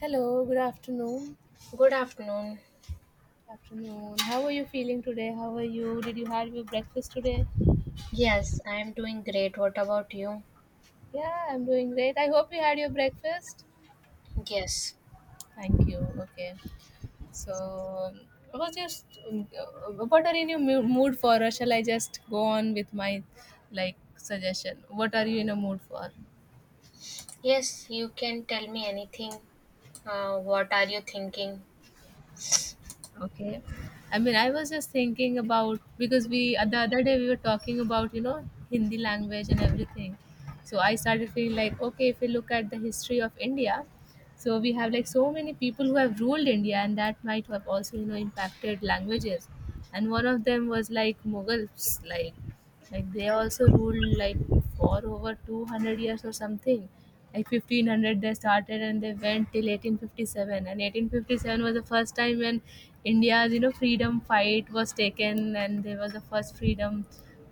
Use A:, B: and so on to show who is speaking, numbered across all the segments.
A: Hello, good afternoon.
B: Good afternoon.
A: Afternoon. How are you feeling today? How are you? Did you have your breakfast today?
B: Yes, I am doing great. What about you?
A: Yeah, I'm doing great. I hope you had your breakfast.
B: Yes.
A: Thank you. Okay. So, um, I was just what are you in your mood for? Or shall I just go on with my like suggestion? What are you in a mood for?
B: Yes, you can tell me anything. What are you thinking?
A: Okay. I mean, I was just thinking about because we the other day we were talking about, you know, Hindi language and everything. So I started feeling like, okay, if we look at the history of India, so we have like so many people who have ruled India and that might have also, you know, impacted languages. And one of them was like Mughals, like they also ruled like for over 200 years or something like 1500 they started and they went till 1857, and 1857 was the first time when India's, you know, freedom fight was taken and there was the first freedom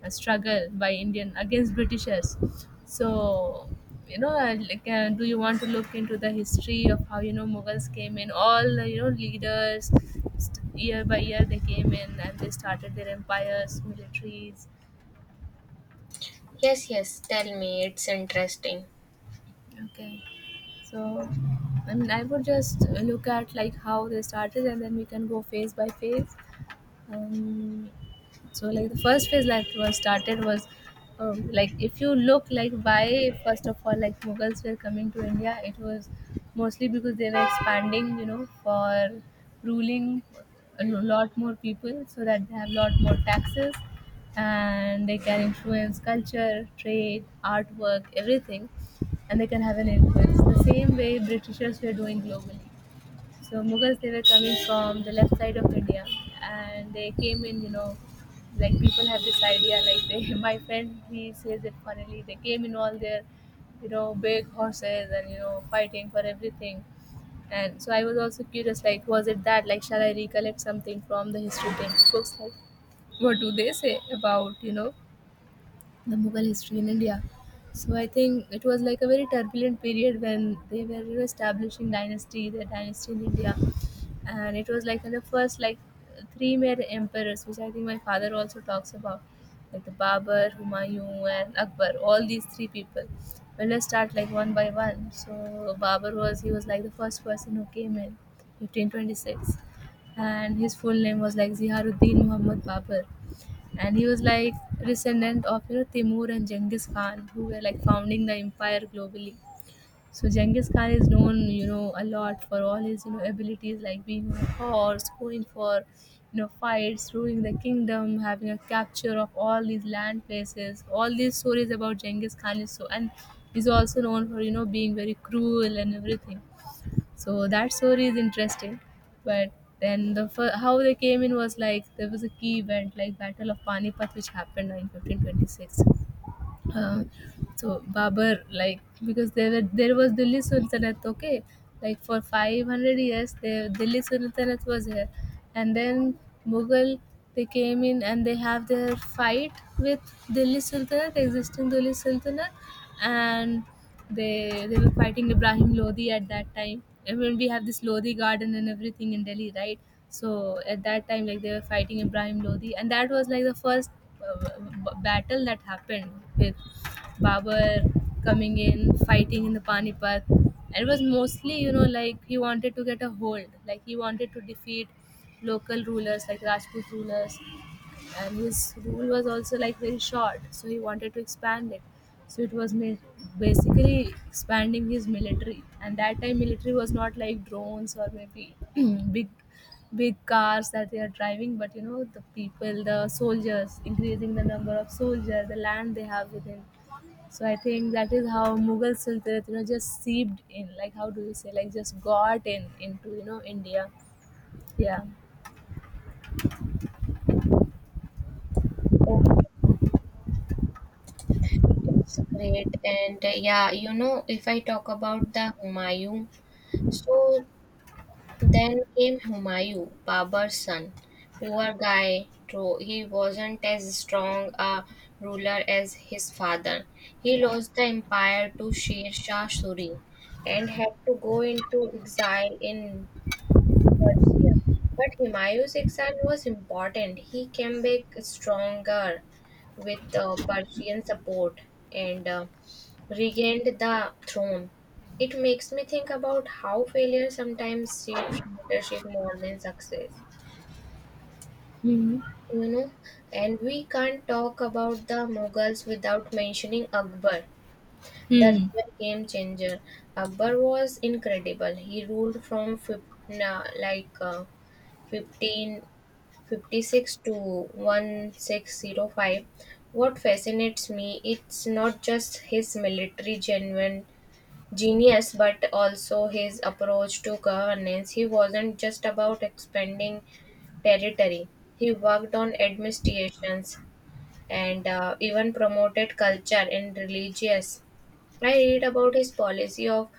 A: struggle by Indian against Britishers. So, you know, do you want to look into the history of how, you know, Mughals came in, all the, you know, leaders year by year they came in and they started their empires, militaries?
B: Yes, yes, tell me. It's interesting.
A: Okay. So, I mean, I would just look at like how they started, and then we can go phase by phase. Um, so like the first phase like was started was like if you look like why first of all like Mughals were coming to India, it was mostly because they were expanding, you know, for ruling a lot more people so that they have a lot more taxes, and they can influence culture, trade, artwork, everything, and they can have an influence the same way Britishers were doing globally. So Mughals, they were coming from the left side of India, and they came in. You know, like people have this idea. Like they, my friend, he says it funnily. They came in all their, you know, big horses and you know fighting for everything. And so I was also curious. Like, was it that? Like, shall I recollect something from the history textbooks? Like, what do they say about, you know, the Mughal history in India? So I think it was like a very turbulent period when they were, you know, establishing dynasty, their dynasty in India, and it was like in the first like three main emperors, which I think my father also talks about, like the Babur, Humayun, and Akbar. All these three people. Well, let's start like one by one. So Babur was he was like the first person who came in, 1526, and his full name was like Ziaruddin Muhammad Babur, and he was like descendant of, you know, Timur and Genghis Khan, who were like founding the empire globally. So Genghis Khan is known, you know, a lot for all his, you know, abilities like being on a horse, going for, you know, fights, ruling the kingdom, having a capture of all these land places. All these stories about Genghis Khan is so and is also known for, you know, being very cruel and everything. So that story is interesting. But then how they came in was like there was a key event like Battle of Panipat, which happened in 1526. Uh, so Babar, like there was Delhi Sultanate, okay, like for 500 years, the Delhi Sultanate was here, and then Mughal, they came in and they have their fight with existing Delhi Sultanate, and they were fighting Ibrahim Lodi at that time. I mean, we have this Lodi garden and everything in Delhi, right? So at that time, like they were fighting Ibrahim Lodi, and that was like the first battle that happened with Babar coming in, fighting in the Panipat. And it was mostly, you know, like he wanted to get a hold, like he wanted to defeat local rulers, like Rajput rulers. And his rule was also like very short, so he wanted to expand it. So basically expanding his military. And that time, military was not like drones or maybe big big cars that they are driving, but you know, the people, the soldiers, increasing the number of soldiers, the land they have within. So I think that is how Mughal Sultanate, you know, just seeped in. Like, how do you say, like, just got in into, you know, India. Yeah.
B: Oh, it's great. And yeah, you know, if I talk about the Humayun, so then came Humayun, Babur's son. Poor guy, though he wasn't as strong a ruler as his father. He lost the empire to Sher Shah Suri and had to go into exile in Persia. But Humayun's exile was important. He came back stronger with Persian support and regained the throne. It makes me think about how failure sometimes shapes leadership more than success.
A: Hmm.
B: You know, and we can't talk about the Mughals without mentioning Akbar, the
A: Hmm.
B: real game changer. Akbar was incredible. He ruled from na- like uh, 1556 to 1605. What fascinates me, it's not just his military genuine genius but also his approach to governance. He wasn't just about expanding territory. He worked on administrations and even promoted culture and religious. I read about his policy of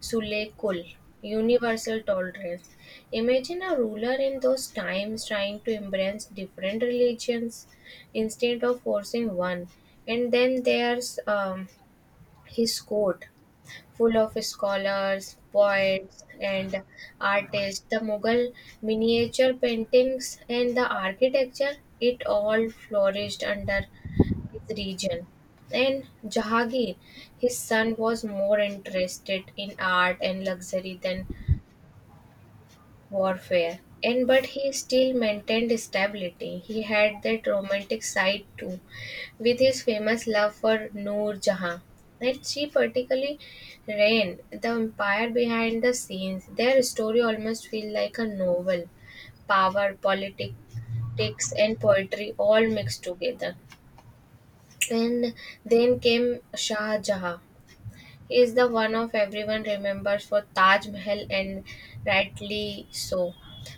B: Sulekul, universal tolerance. Imagine a ruler in those times trying to embrace different religions instead of forcing one. And then there's his court, full of scholars, poets, and artists. The Mughal miniature paintings and the architecture, it all flourished under region. Then Jahangir, his son, was more interested in art and luxury than warfare. And but he still maintained stability. He had that romantic side too, with his famous love for Noor Jahan. And she particularly ran the empire behind the scenes. Their story almost feels like a novel. Power, politics, and poetry all mixed together. And then came Shah Jahan. He is the one of everyone remembers for Taj Mahal, and rightly so.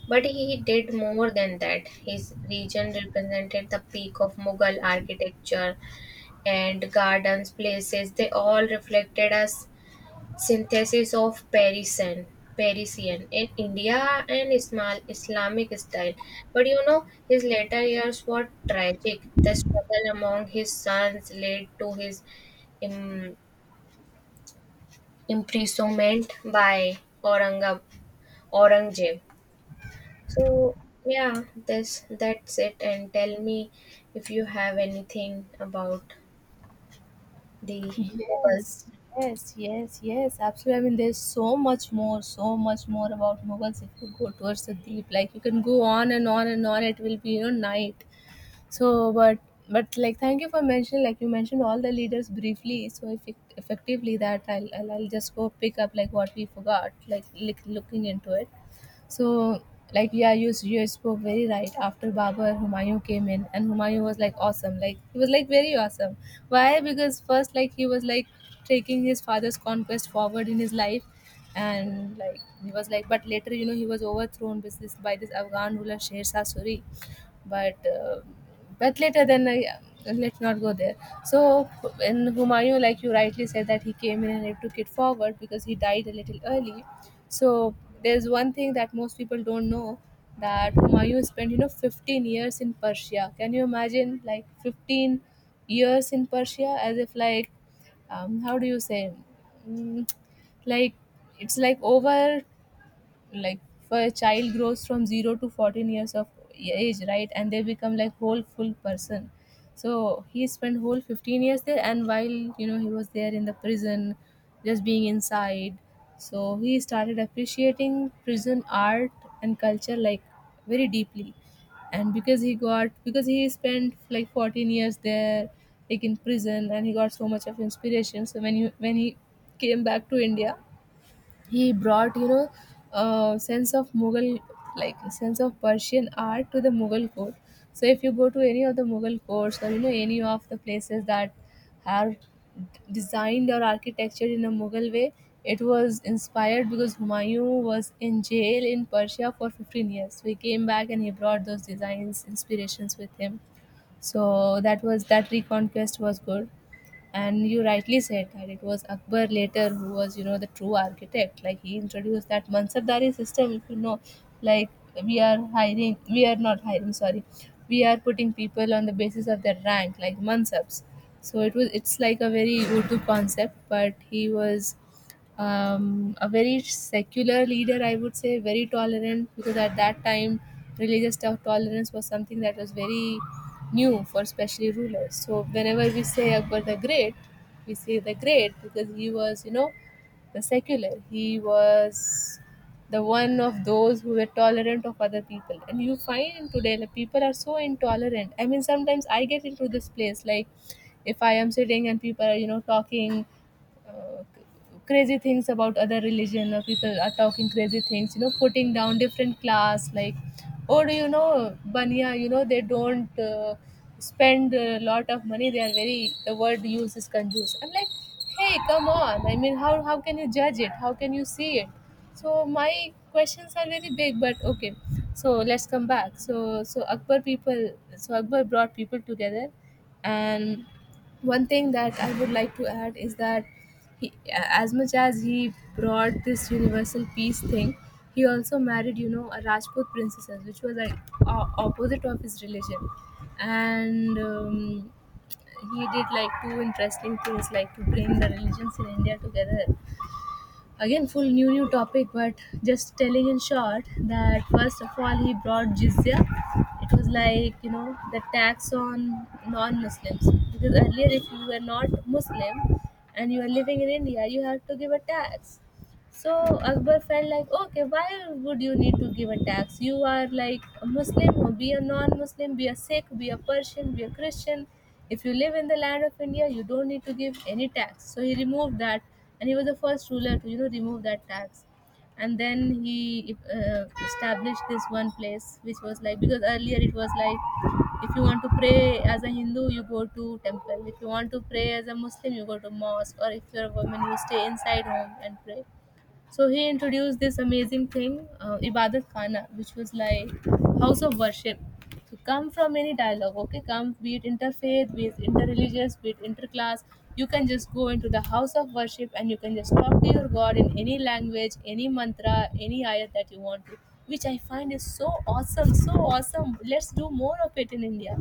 B: But he did more than that. His region represented the peak of Mughal architecture and gardens, places. They all reflected us synthesis of Parisian, Parisian in India and Ismail Islamic style. But you know, his later years were tragic. The struggle among his sons led to his im- imprisonment by Aurangzeb. So yeah, this that's it. And tell me if you have anything about the
A: Yes,
B: Mughals.
A: yes, yes, yes, absolutely. I mean, there's so much more, so much more about Mughals if you go towards the deep. Like, you can go on and on and on. It will be, you know, night. so but but like thank you for mentioning, like you mentioned all the leaders briefly, so if effectively that I'll just go pick up like what we forgot, like looking into it. So like yeah, you spoke very right. After Babur, Humayun came in, and Humayun was like awesome, like he was like very awesome. Why? Because first, like he was like taking his father's conquest forward in his life, and like he was like, but later, you know, he was overthrown with this by this Afghan ruler Sher Shah Suri. But uh, but later then I, Let's not go there. So in Humayun, like you rightly said that he came in and he took it forward because he died a little early. So there's one thing that most people don't know, that Humayun spent, you know, 15 years in Persia. Can you imagine, like 15 years in Persia? As if like, how do you say, mm, like it's like over, like for a child grows from 0 to 14 years of age, right? And they become like whole full person. So he spent whole 15 years there, and while, you know, he was there in the prison, just being inside, so he started appreciating prison art and culture, like very deeply. And because he got, because he spent like 14 years there, like in prison, and he got so much of inspiration. So when you, when he came back to India, he brought, you know, a sense of Mughal, like a sense of Persian art to the Mughal court. So if you go to any of the Mughal courts or, you know, any of the places that have designed or architectured in a Mughal way, it was inspired because Humayun was in jail in Persia for 15 years, so he came back and he brought those designs, inspirations with him. So that, was that reconquest was good. And you rightly said that it was Akbar later who was, you know, the true architect, like he introduced that Mansabdari system, if you know. Like, we are hiring, we are not hiring, sorry, we are putting people on the basis of their rank, like Mansabs. So it was, it's like a very Urdu concept. But he was a very secular leader, I would say, very tolerant, because at that time tolerance was something that was very new for especially rulers. So whenever we say Akbar the Great, we say the Great because he was, you know, the secular. He was the one of those who were tolerant of other people. And you find today that people are so intolerant. I mean, sometimes I get into this place like if I am sitting and people are, you know, talking uh, crazy things about other religion, or people are talking crazy things, you know, putting down different class, like, or you know, bania, you know, they don't spend a lot of money, they are very, the word used is conduce. I'm like, hey, come on. I mean, how can you judge it? How can you see it? So my questions are very big, but okay. So let's come back. So so Akbar people, so Akbar brought people together. And one thing that I would like to add is that he, as much as he brought this universal peace thing, he also married, you know, a Rajput princess, which was like opposite of his religion, and he did like two interesting things, like to bring the religions in India together. Again, full new new topic, but just telling in short that first of all he brought jizya. It was like, you know, the tax on non-Muslims, because earlier if you were not Muslim and you are living in India, you have to give a tax. So Akbar felt like, okay, why would you need to give a tax? You are like a Muslim, or be a non-Muslim, be a Sikh, be a Persian, be a Christian. If you live in the land of India, you don't need to give any tax. So he removed that, and he was the first ruler to remove that tax. And then he established this one place, which was like because earlier it was like, if you want to pray as a Hindu, you go to temple. If you want to pray as a Muslim, you go to mosque. Or if you're a woman, you stay inside home and pray. So he introduced this amazing thing, Ibadat Khana, which was like house of worship. So come from any dialogue, okay? Come, be it interfaith, be it interreligious, be it interclass. You can just go into the house of worship and you can just talk to your God in any language, any mantra, any ayat that you want to, which I find is so awesome, so awesome. Let's do more of it in India,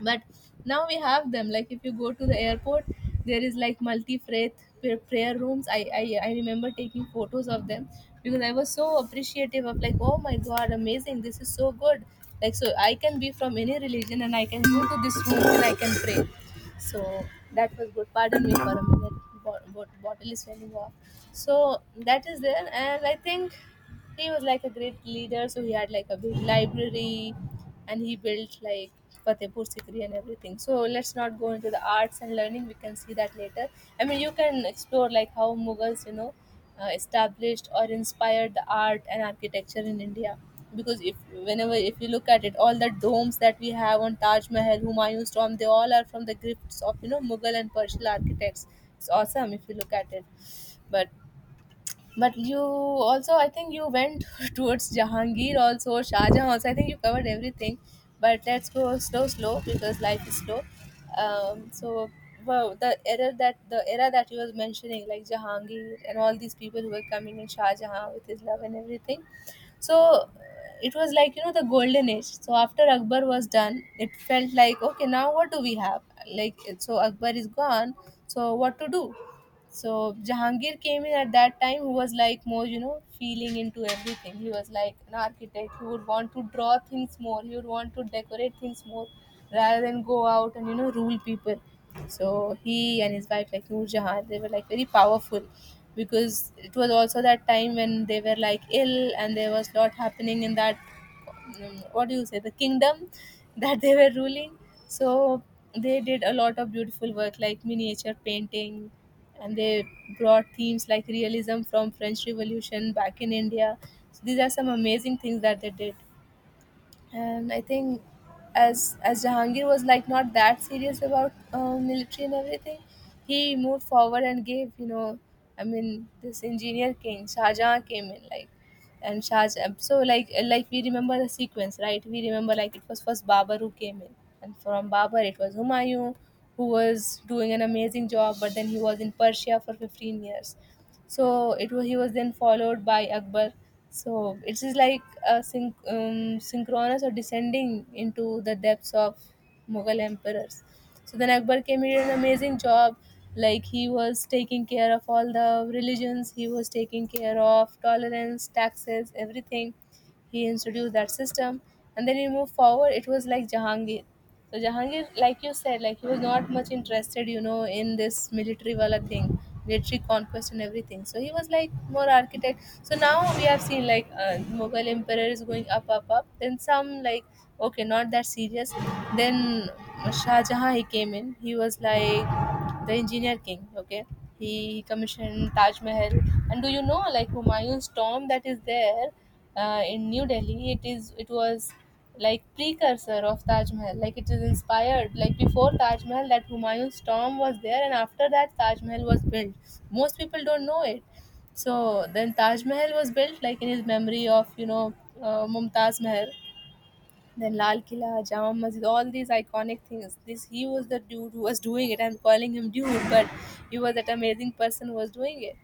A: but now we have them, like if you go to the airport there is like multi prayer rooms. I remember taking photos of them because I was so appreciative of like, oh my god, amazing, this is so good. Like so I can be from any religion and I can go to this room and I can pray. So that was good. Pardon me for a minute. Bottle is running off. So that is there, and I think he was like a great leader, so he had like a big library and he built like Fatehpur Sikri and everything. So let's not go into the arts and learning. We can see that later. I mean, you can explore like how Mughals, established or inspired the art and architecture in India. Because if whenever if you look at it, all the domes that we have on Taj Mahal, Humayun's tomb, they all are from the gifts of Mughal and Persian architects. It's awesome if you look at it. But you also, I think you went towards Jahangir also, Shah Jahan also. I think you covered everything. But let's go slow, slow because life is slow. Um, so, wow, the era that you were mentioning, like Jahangir and all these people who were coming in, Shah Jahan with his love and everything. So it was like the golden age. So after Akbar was done, it felt like, okay, now what do we have? So Akbar is gone. So what to do? So Jahangir came in at that time who was like more, you know, feeling into everything. He was like an architect. He would want to draw things more. He would want to decorate things more rather than go out and, you know, rule people. So he and his wife, like Noor Jahan, they were like very powerful because it was also that time when they were like ill and there was lot happening in that, um, what do you say, the kingdom that they were ruling. So they did a lot of beautiful work like miniature painting, and they brought themes like realism from French revolution back in India. So these are some amazing things that they did. And I think as Jahangir was like not that serious about military and everything, he moved forward and gave, I mean, this engineer king Shah Jahan came in. Like, and Shah Jahan, so like we remember the sequence, right? We remember like it was first Babar who came in, and from Babar it was Humayun who was doing an amazing job, but then he was in Persia for 15 years. So it was, he was then followed by Akbar. So it is like a synchronous or descending into the depths of Mughal emperors. So then Akbar came, here an amazing job. Like he was taking care of all the religions, he was taking care of tolerance, taxes, everything. He introduced that system. And then he moved forward, it was like Jahangir. So Jahangir, like you said, like he was not much interested, you know, in this military wala thing, military conquest and everything. So he was like more architect. So now we have seen like, Mughal emperor is going up, up, up. Then some like, okay, not that serious. Then Shah Jahan, he came in. He was like the engineer king, okay. He commissioned Taj Mahal. And do you know like Humayun's tomb that is there in New Delhi? It was like precursor of Taj Mahal. Like it is inspired, like before Taj Mahal that Humayun's tomb was there, and after that Taj Mahal was built. Most people don't know it. So then Taj Mahal was built like in his memory of, Mumtaz Mahal. Then Lal Killa, Jama Masjid, all these iconic things. This, he was the dude who was doing it. I'm calling him dude, but he was that amazing person who was doing it.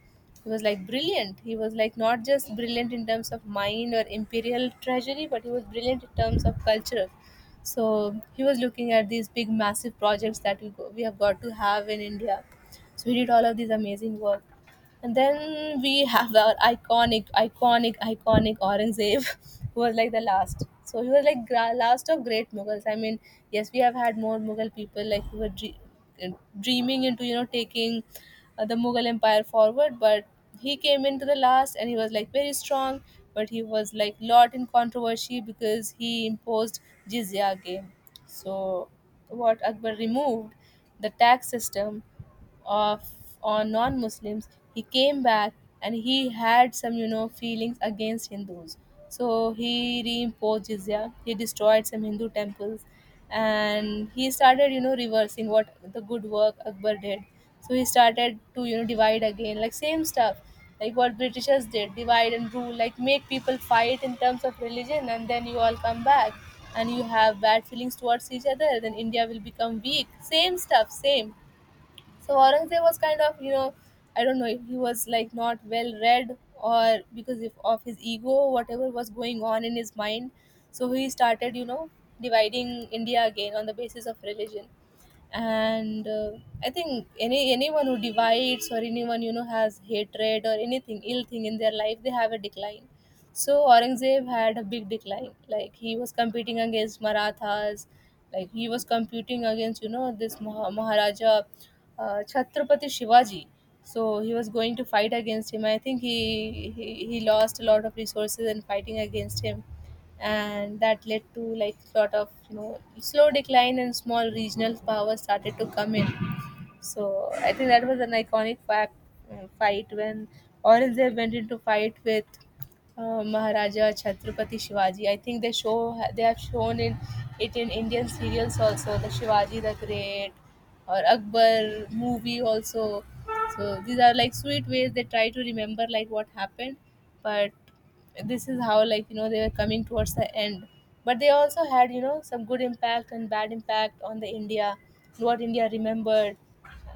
A: He was like brilliant. He was like not just brilliant in terms of mind or imperial treasury, but he was brilliant in terms of culture. So he was looking at these big, massive projects that we have got to have in India. So he did all of these amazing work. And then we have our iconic, iconic, iconic Aurangzeb, who was like the last. So he was like last of great Mughals. I mean, yes, we have had more Mughal people like who were dreaming into, you know, taking the Mughal Empire forward, but he came into the last and he was like very strong, but he was like lot in controversy because he imposed jizya game. So what Akbar removed, the tax system of, on non-Muslims, he came back. And he had some, you know, feelings against Hindus. So he reimposed jizya, he destroyed some Hindu temples, and he started, you know, reversing what the good work Akbar did. So he started to, you know, divide again, like same stuff like what Britishers did: divide and rule, like make people fight in terms of religion and then you all come back and you have bad feelings towards each other, then India will become weak. Same stuff, same. So Aurangzeb was kind of, you know, I don't know if he was like not well read or because if, of his ego, whatever was going on in his mind. So he started, you know, dividing India again on the basis of religion. And I think anyone who divides or anyone, you know, has hatred or anything ill thing in their life, they have a decline. So Aurangzeb had a big decline. Like he was competing against Marathas, like he was competing against, you know, this Maharaja Chhatrapati Shivaji. So he was going to fight against him. I think he lost a lot of resources in fighting against him, and that led to like lot of, you know, slow decline, and small regional powers started to come in. So I think that was an iconic fact, fight, when Aurangzeb went into fight with Maharaja Chhatrapati Shivaji. I think they have shown in it in Indian serials also, the Shivaji the Great or Akbar movie also. So these are like sweet ways they try to remember like what happened, but this is how like, you know, they were coming towards the end. But they also had, you know, some good impact and bad impact on the India, what India remembered.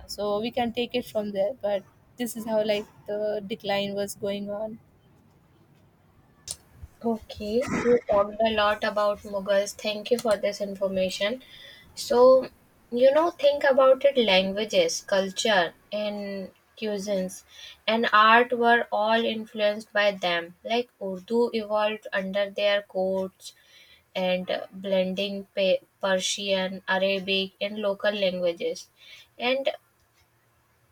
A: So we can take it from there, but this is how like the decline was going on.
B: Okay, you talked a lot about Mughals. Thank you for this information. So, you know, think about it, languages, culture, and cuisines and art were all influenced by them. Like Urdu evolved under their courts and blending Persian, Arabic, and local languages. And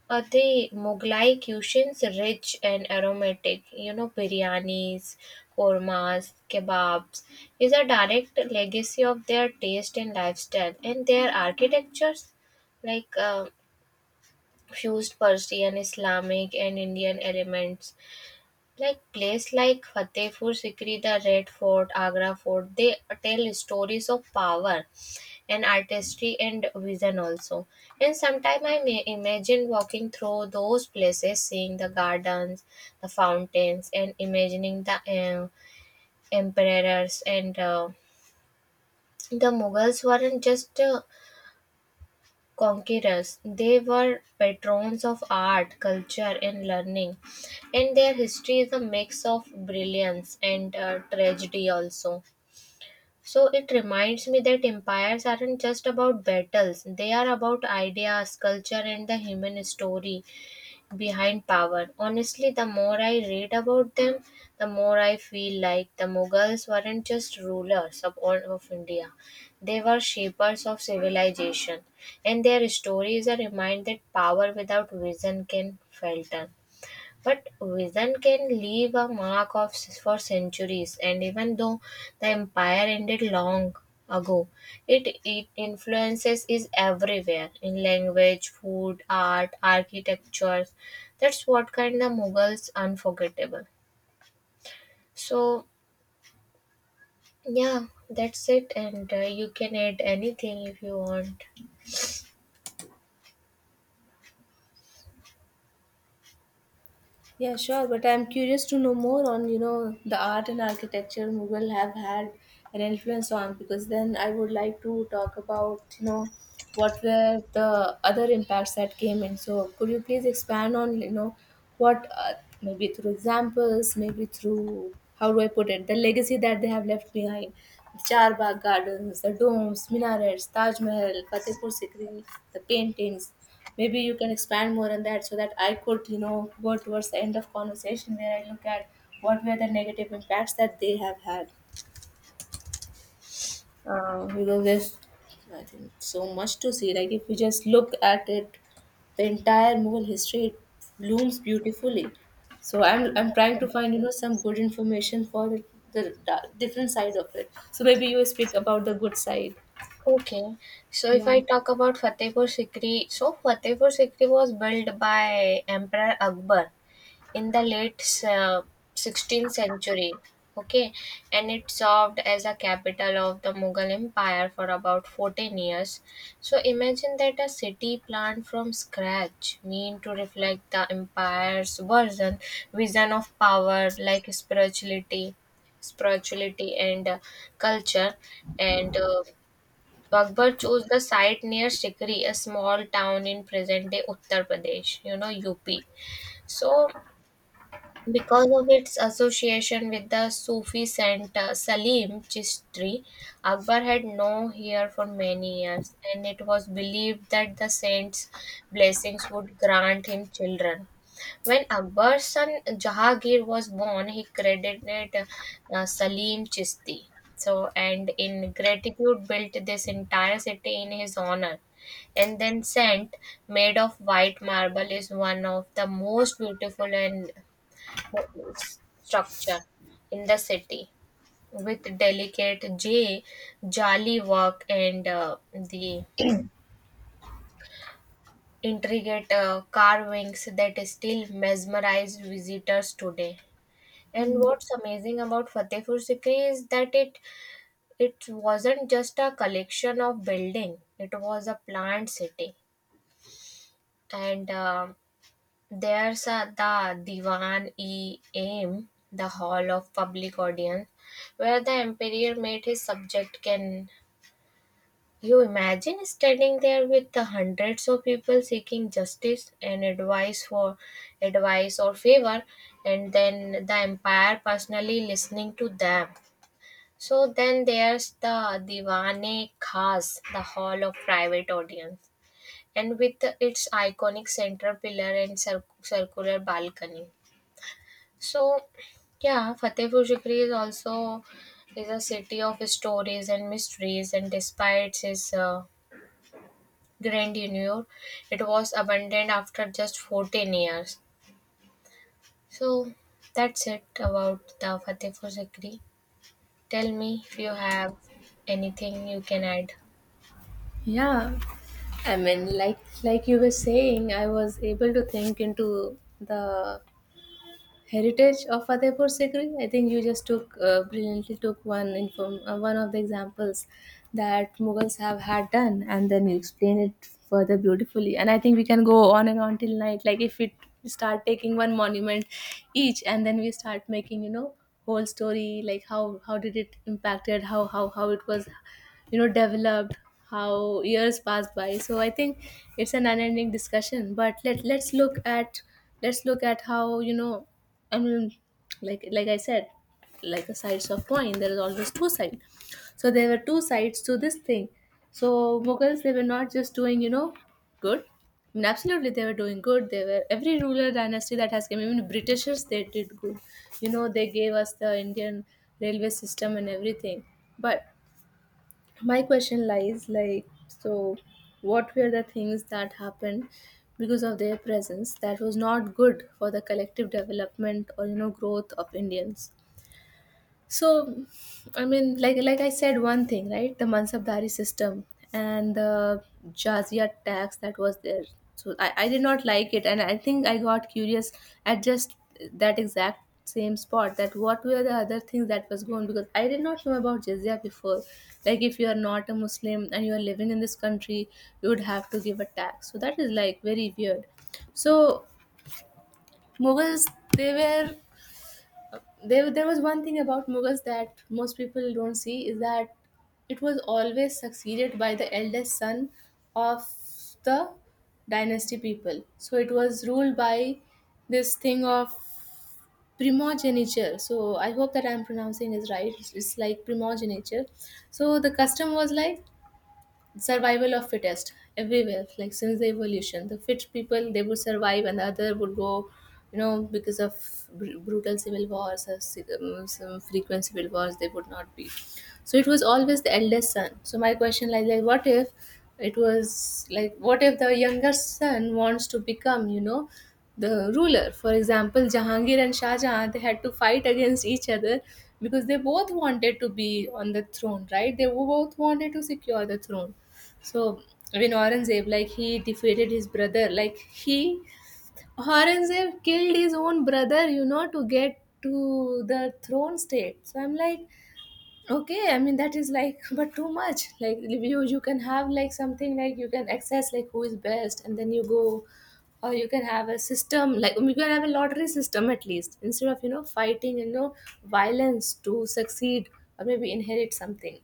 B: the Mughlai cuisines rich and aromatic, you know, biryanis, kormas, kebabs is a direct legacy of their taste and lifestyle, and their architectures like fused Persian, Islamic and Indian elements. Like place like Fatehpur Sikri, the Red Fort, Agra Fort, they tell stories of power and artistry and vision also. And sometimes I may imagine walking through those places, seeing the gardens, the fountains, and imagining the emperors and the Mughals weren't just conquerors; they were patrons of art, culture, and learning. And their history is a mix of brilliance and tragedy also. So it reminds me that empires aren't just about battles, they are about ideas, culture, and the human story behind power. Honestly, the more I read about them, the more I feel like the Mughals weren't just rulers of, all of India, they were shapers of civilization, and their story is a reminder that power without vision can falter. But vision can leave a mark of for centuries, and even though the empire ended long ago, it influences is everywhere in language, food, art, architecture. That's what kind of Mughals unforgettable. So yeah, that's it, and you can add anything if you want.
A: Yeah, sure, but I'm curious to know more on, you know, the art and architecture Mughal have had an influence on, because then I would like to talk about, you know, what were the other impacts that came in. So could you please expand on, you know, what, maybe through examples, maybe through, how do I put it, the legacy that they have left behind. The Char Bagh gardens, the domes, minarets, Taj Mahal, Fatehpur Sikri, the paintings. Maybe you can expand more on that so that I could, you know, go towards the end of conversation where I look at what were the negative impacts that they have had. Because there's, I think, so much to see. Like if you just look at it, the entire Mughal history, it blooms beautifully. So I'm trying to find, you know, some good information for the different side of it. So maybe you speak about the good side.
B: Okay, so if I
A: Yeah.
B: talk about Fatehpur Sikri, so Fatehpur Sikri was built by Emperor Akbar in the late uh, 16th century. Okay. And it served as a capital of the Mughal empire for about 14 years. So imagine that, a city planned from scratch, mean to reflect the empire's version vision of power, like spirituality and culture. And Akbar chose the site near Sikri, a small town in present-day Uttar Pradesh, you know, UP. So because of its association with the Sufi saint, Salim Chishti, Akbar had no heir for many years, and it was believed that the saint's blessings would grant him children. When Akbar's son Jahangir was born, he credited Salim Chishti. So, and in gratitude, built this entire city in his honor. And then, saint made of white marble is one of the most beautiful and structure in the city, with delicate j jali work and the intricate carvings that still mesmerize visitors today. And
A: Hmm.
B: what's amazing about Fatehpur Sikri is that it wasn't just a collection of building, it was a planned city. And There's the Diwan-e-Aim, the Hall of Public Audience, where the emperor met his subject. Can you imagine standing there with the hundreds of people seeking justice and advice or favor, and then the empire personally listening to them? So then there's the Diwane Khas, the Hall of Private Audience, and with its iconic center pillar and circular balcony. So, yeah, Fatehpur Sikri is also is a city of stories and mysteries, and despite its grandeur, it was abandoned after just 14 years. So, that's it about the Fatehpur Sikri. Tell me if you have anything you can add.
A: Yeah. I mean, like you were saying, I was able to think into the heritage of Fatehpur Sikri. I think you just took, brilliantly took one inform one of the examples that Mughals have had done, and then you explain it further beautifully. And I think we can go on and on till night. Like if we start taking one monument each, and then we start making whole story like how did it impacted how it was developed, how years passed by. So I think it's an unending discussion, but let's look at let's look at how you know I mean, like I said, like the sides of coin, there is always two sides. So there were two sides to this thing. So Mughals, they were not just doing, you know, good. I mean, absolutely, they were doing good. They were every ruler dynasty that has come. Even Britishers, they did good. You know, they gave us the Indian railway system and everything. But my question lies, like, so what were the things that happened because of their presence that was not good for the collective development or you know growth of Indians? So, like I said, one thing, right? The Mansabdari system and the jazia tax that was there. So I did not like it, and I think I got curious at just that exact same spot that what were the other things that was going, because I did not know about jizya before. Like if you are not a Muslim and you are living in this country, you would have to give a tax. So that is like very weird. So Mughals, they were there was one thing about Mughals that most people don't see is that it was always succeeded by the eldest son of the dynasty people. So it was ruled by this thing of primogeniture. So I hope that I'm pronouncing it right. It's like primogeniture. So the custom was like survival of fittest everywhere, like since the evolution the fit people they would survive and the other would go, you know, because of brutal civil wars or some frequent civil wars they would not be. So it was always the eldest son. So my question like, what if it was like what if the younger son wants to become you know the ruler? For example, Jahangir and Shah Jahan, they had to fight against each other because they both wanted to be on the throne, right? They both wanted to secure the throne. So when Aurangzeb, like he defeated his brother, like he Aurangzeb killed his own brother, you know, to get to the throne state. So I'm like, okay, I mean that is like, but too much. Like you can have like something like you can access like who is best, and then you go, or you can have a system like you can have a lottery system at least instead of you know fighting and you know violence to succeed, or maybe inherit something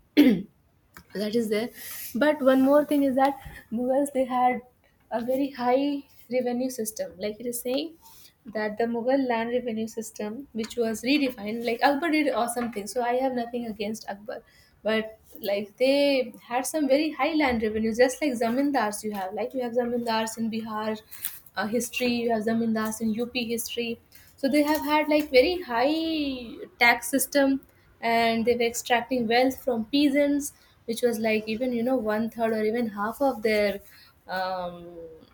A: that is there. But one more thing is that Mughals they had a very high revenue system. Like it is saying that the Mughal land revenue system which was redefined, like Akbar did awesome things, so I have nothing against Akbar, but like they had some very high land revenue, just like zamindars. You have like you have zamindars in Bihar history, you have zamindars in UP history. So they have had like very high tax system, and they were extracting wealth from peasants, which was like even you know one third or even half of their um,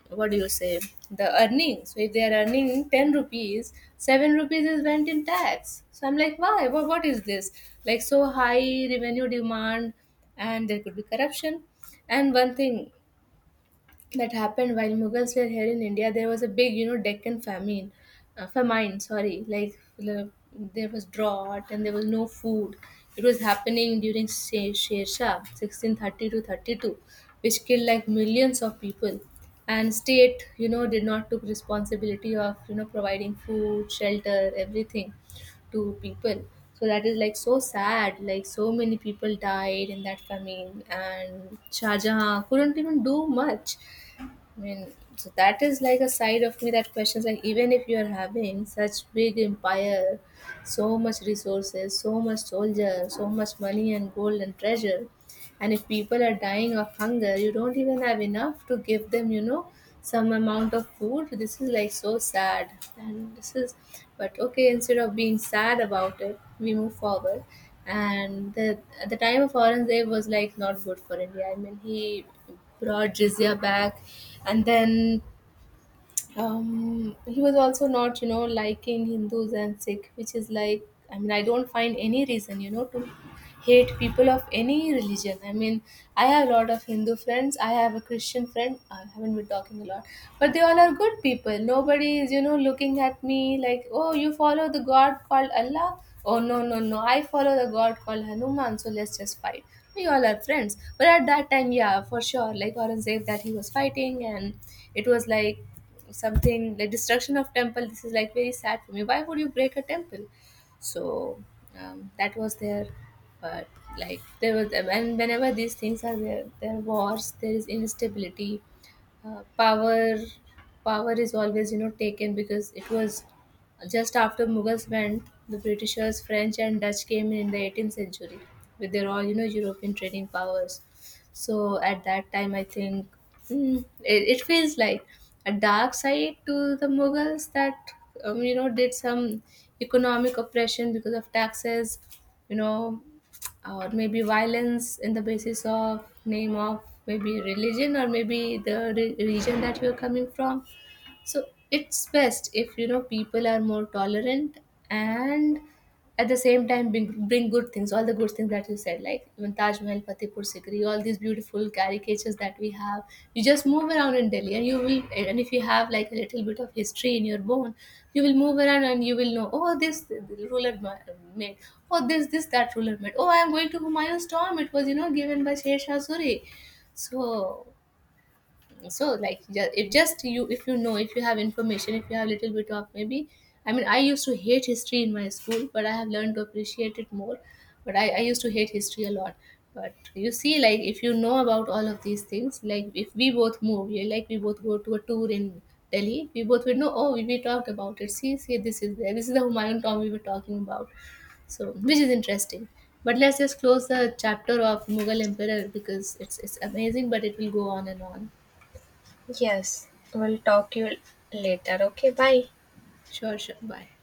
A: what do you say, the earnings. So if they are earning 10 rupees, 7 rupees is went in tax. So I'm like why, what is this, like so high revenue demand? And there could be corruption. And one thing that happened while Mughals were here in India: there was a big, you know, Deccan famine, famine. Sorry, like l- there was drought and there was no food. It was happening during Sher Shah, 1630 to 32, which killed like millions of people. And state, you know, did not took responsibility of you know providing food, shelter, everything to people. So that is like so sad. Like so many people died in that famine, and Shah Jahan couldn't even do much. I mean, so that is like a side of me that questions like even if you are having such big empire, so much resources, so much soldiers, so much money and gold and treasure, and if people are dying of hunger, you don't even have enough to give them, you know, some amount of food. This is like so sad. And this is, but okay, instead of being sad about it, we move forward. And at the time of Aurangzeb was like not good for India. I mean, he brought jizya back, and then he was also not, you know, liking Hindus and Sikh, which is like, I mean, I don't find any reason, you know, to hate people of any religion. I mean, I have a lot of Hindu friends. I have a Christian friend. I haven't been talking a lot, but they all are good people. Nobody is, you know, looking at me like, oh, you follow the God called Allah. Oh no, no, no! I follow the God called Hanuman, so let's just fight. We all are friends. But at that time, yeah, for sure, like Aurangzeb, that he was fighting, and it was like something like destruction of temple. This is like very sad for me. Why would you break a temple? So that was there. But like there was, and whenever these things are there, there are wars, there is instability. uh, power power is always you know taken, because it was just after Mughals went, the Britishers, French and Dutch came in the 18th century with their all you know European trading powers. So at that time, I think it feels like a dark side to the Mughals that you know did some economic oppression because of taxes, you know, or maybe violence in the basis of name of maybe religion or maybe the region that you're coming from. So it's best if you know people are more tolerant, and at the same time bring good things, all the good things that you said, like even Taj Mahal, Fatehpur Sikri, all these beautiful caricatures that we have. You just move around in Delhi and you will, and if you have like a little bit of history in your bone, you will move around and you will know, oh this ruler made, oh this that ruler made, oh I am going to Humayun's tomb, it was you know given by Sher Shah Suri. So so like if just you if you know, if you have information, if you have little bit of maybe, I mean I used to hate history in my school but I have learned to appreciate it more. But I used to hate history a lot. But you see like if you know about all of these things, like if we both move, yeah, like we both go to a tour in Delhi, we both would know, oh we talked about it. See, this is there, this is the Humayun tomb we were talking about. So which is interesting. But let's just close the chapter of Mughal emperor, because it's amazing but it will go on and on.
B: Yes, we'll talk you later. Okay, bye.
A: Sure, sure. Bye.